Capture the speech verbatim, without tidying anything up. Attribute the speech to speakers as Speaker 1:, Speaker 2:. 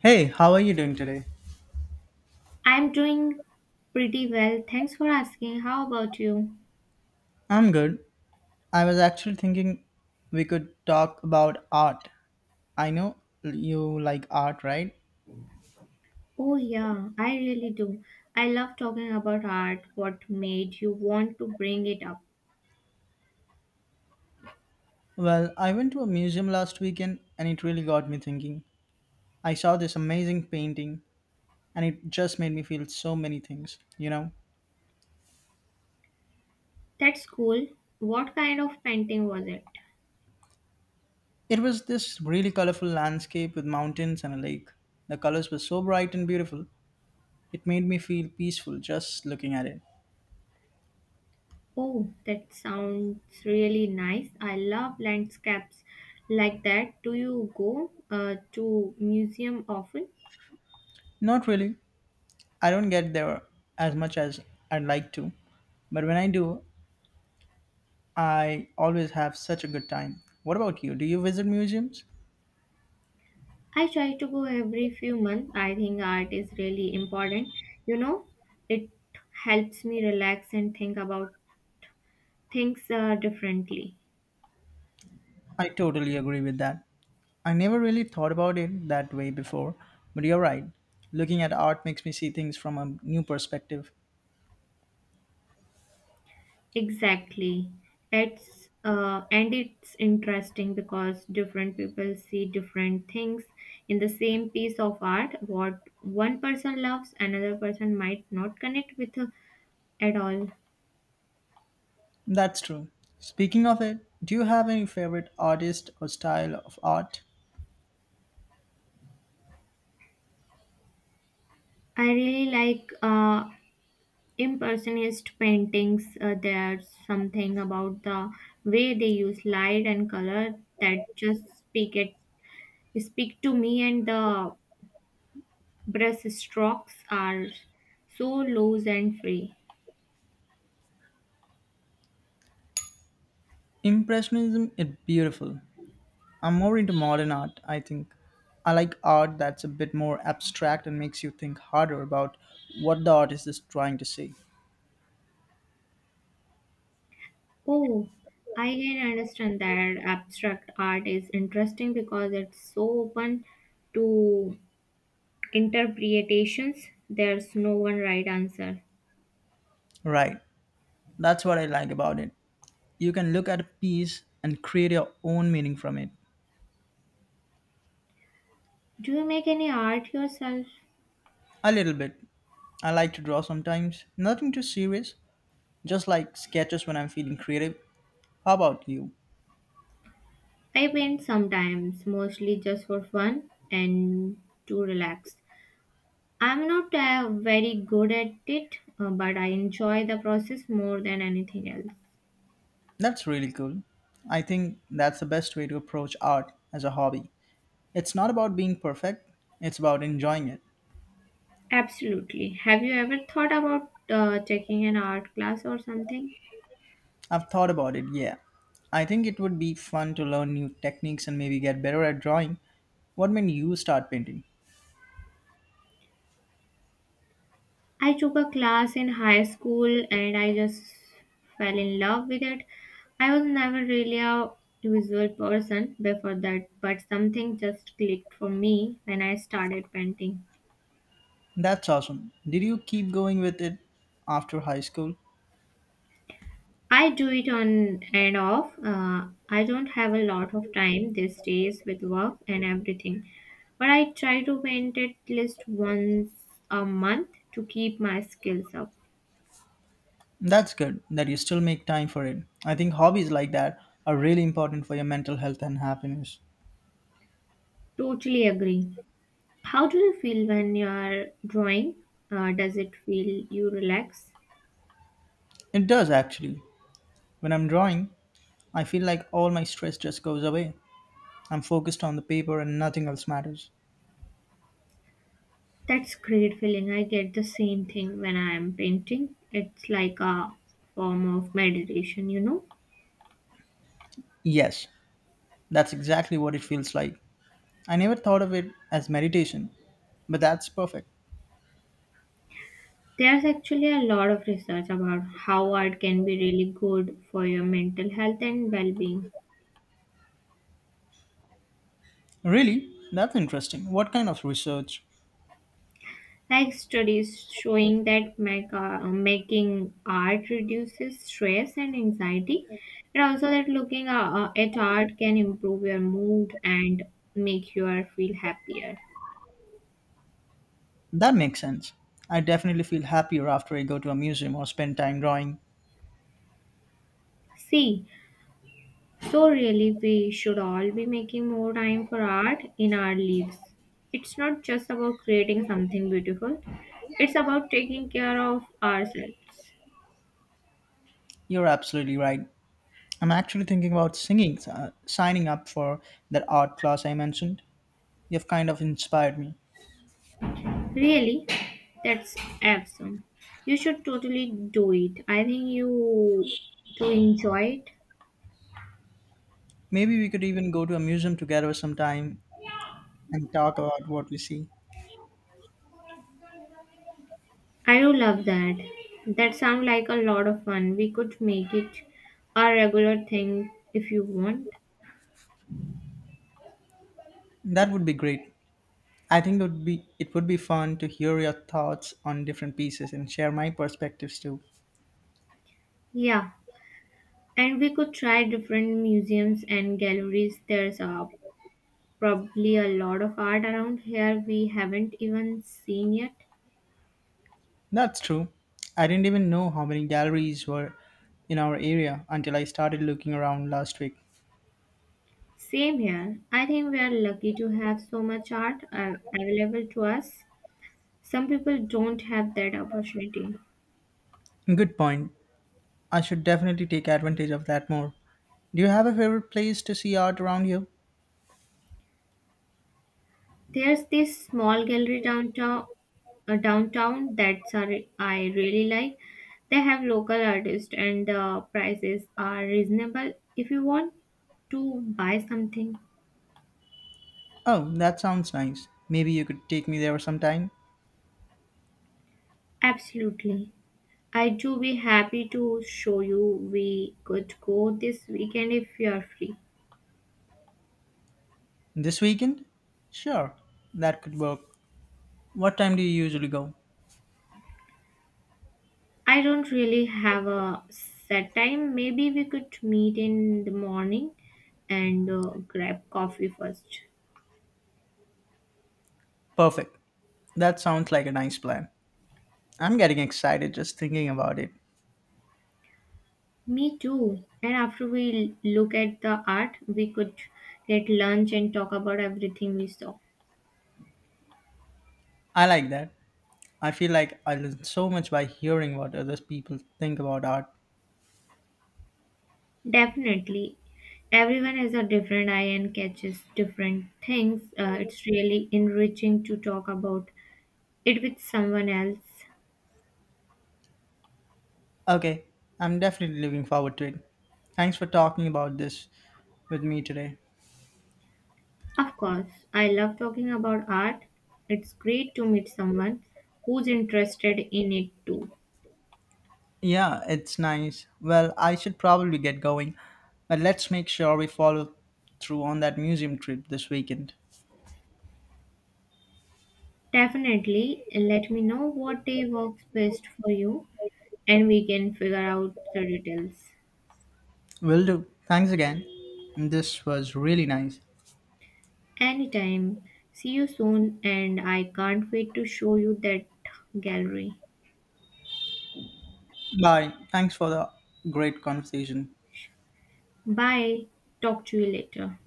Speaker 1: Hey, how are you doing today?
Speaker 2: I'm doing pretty well. Thanks for asking. How about you?
Speaker 1: I'm good. I was actually thinking we could talk about art. I know you like art, right?
Speaker 2: Oh, yeah, I really do. I love talking about art. What made you want to bring it up?
Speaker 1: Well, I went to a museum last weekend and it really got me thinking. I saw this amazing painting and it just made me feel so many things, you know?
Speaker 2: That's cool. What kind of painting was it?
Speaker 1: It was this really colorful landscape with mountains and a lake. The colors were so bright and beautiful, it made me feel peaceful just looking at it.
Speaker 2: Oh, that sounds really nice. I love landscapes like that. Do you go uh, to museum often?
Speaker 1: Not really, I don't get there as much as I'd like to, but when I do, I always have such a good time. What about you? Do you visit museums?
Speaker 2: I try to go every few months. I think art is really important. You know, it helps me relax and think about thinks uh, differently.
Speaker 1: I totally agree with that. I never really thought about it that way before, but you're right. Looking at art makes me see things from a new perspective.
Speaker 2: Exactly. It's uh, and it's interesting because different people see different things in the same piece of art. What one person loves, another person might not connect with uh, at all.
Speaker 1: That's true. Speaking of it, do you have any favorite artist or style of art?
Speaker 2: I really like uh, impressionist paintings. Uh, there's something about the way they use light and color that just speak it speak to me and the Breaststrokes are so loose and free.
Speaker 1: Impressionism is beautiful. I'm more into modern art, I think. I like art that's a bit more abstract and makes you think harder about what the artist is trying to say.
Speaker 2: Oh, I can understand that abstract art is interesting because it's so open to interpretations. There's no one right answer.
Speaker 1: Right. That's what I like about it. You can look at a piece and create your own meaning from it.
Speaker 2: Do you make any art yourself?
Speaker 1: A little bit. I like to draw sometimes. Nothing too serious, just like sketches when I'm feeling creative. How about you?
Speaker 2: I paint sometimes, mostly just for fun and to relax. I'm not uh, very good at it, uh, but I enjoy the process more than anything else.
Speaker 1: That's really cool. I think that's the best way to approach art as a hobby. It's not about being perfect, it's about enjoying it.
Speaker 2: Absolutely. Have you ever thought about uh, taking an art class or something?
Speaker 1: I've thought about it, yeah. I think it would be fun to learn new techniques and maybe get better at drawing. What made you start painting?
Speaker 2: I took a class in high school and I just fell in love with it. I was never really a visual person before that, but something just clicked for me when I started painting.
Speaker 1: That's awesome. Did you keep going with it after high school?
Speaker 2: I do it on and off. Uh, I don't have a lot of time these days with work and everything, but I try to paint at least once a month to keep my skills up.
Speaker 1: That's good that you still make time for it. I think hobbies like that are really important for your mental health and happiness.
Speaker 2: Totally agree. How do you feel when you're drawing? Uh, does it feel you relax?
Speaker 1: It does actually. When I'm drawing, I feel like all my stress just goes away. I'm focused on the paper and nothing else matters.
Speaker 2: That's great feeling. I get the same thing when I am painting. It's like a form of meditation, you know.
Speaker 1: Yes, that's exactly what it feels like. I never thought of it as meditation, but that's perfect.
Speaker 2: There's actually a lot of research about how art can be really good for your mental health and well-being.
Speaker 1: Really? That's interesting. What kind of research?
Speaker 2: Like studies showing that make, uh, making art reduces stress and anxiety, and also that looking uh, uh, at art can improve your mood and make you feel happier.
Speaker 1: That makes sense. I definitely feel happier after I go to a museum or spend time drawing.
Speaker 2: See, so really we should all be making more time for art in our lives. It's not just about creating something beautiful, it's about taking care of ourselves.
Speaker 1: You're absolutely right. I'm actually thinking about singing, uh, signing up for that art class I mentioned. You've kind of inspired me.
Speaker 2: Really? That's awesome. You should totally do it. I think you to enjoy it.
Speaker 1: Maybe we could even go to a museum together sometime and talk about what we see.
Speaker 2: I do love that. That sounds like a lot of fun. We could make it a regular thing if you want.
Speaker 1: That would be great. I think it would be it would be fun to hear your thoughts on different pieces and share my perspectives too.
Speaker 2: Yeah, and we could try different museums and galleries. There's uh, probably a lot of art around here we haven't even seen yet.
Speaker 1: That's true. I didn't even know how many galleries were in our area until I started looking around last week.
Speaker 2: Same here. I think we are lucky to have so much art uh, available to us. Some people don't have that opportunity.
Speaker 1: Good point. I should definitely take advantage of that more. Do you have a favorite place to see art around here?
Speaker 2: There's this small gallery downtown, uh, downtown that's a re- I really like. They have local artists and the prices are reasonable. If you want to buy something,
Speaker 1: Oh, that sounds nice. Maybe you could take me there sometime.
Speaker 2: absolutely. I do be happy to show you. We could go this weekend if you are free.
Speaker 1: This weekend? Sure, that could work. What time do you usually go?
Speaker 2: I don't really have a set time. Maybe we could meet in the morning and uh, grab coffee first.
Speaker 1: Perfect. That sounds like a nice plan. I'm getting excited just thinking about it.
Speaker 2: Me too. And after we look at the art, we could get lunch and talk about everything we saw.
Speaker 1: I like that. I feel like I learn so much by hearing what other people think about art.
Speaker 2: Definitely. Everyone has a different eye and catches different things. Uh, it's really enriching to talk about it with someone else.
Speaker 1: Okay, I'm definitely looking forward to it. Thanks for talking about this with me today.
Speaker 2: Of course, I love talking about art. It's great to meet someone who's interested in it too.
Speaker 1: Yeah, it's nice. Well, I should probably get going, but let's make sure we follow through on that museum trip this weekend.
Speaker 2: Definitely. Let me know what day works best for you and we can figure out the details.
Speaker 1: Will do. Thanks again. This was really nice.
Speaker 2: Anytime. See you soon, and I can't wait to show you that gallery.
Speaker 1: Bye. Thanks for the great conversation.
Speaker 2: Bye. Talk to you later.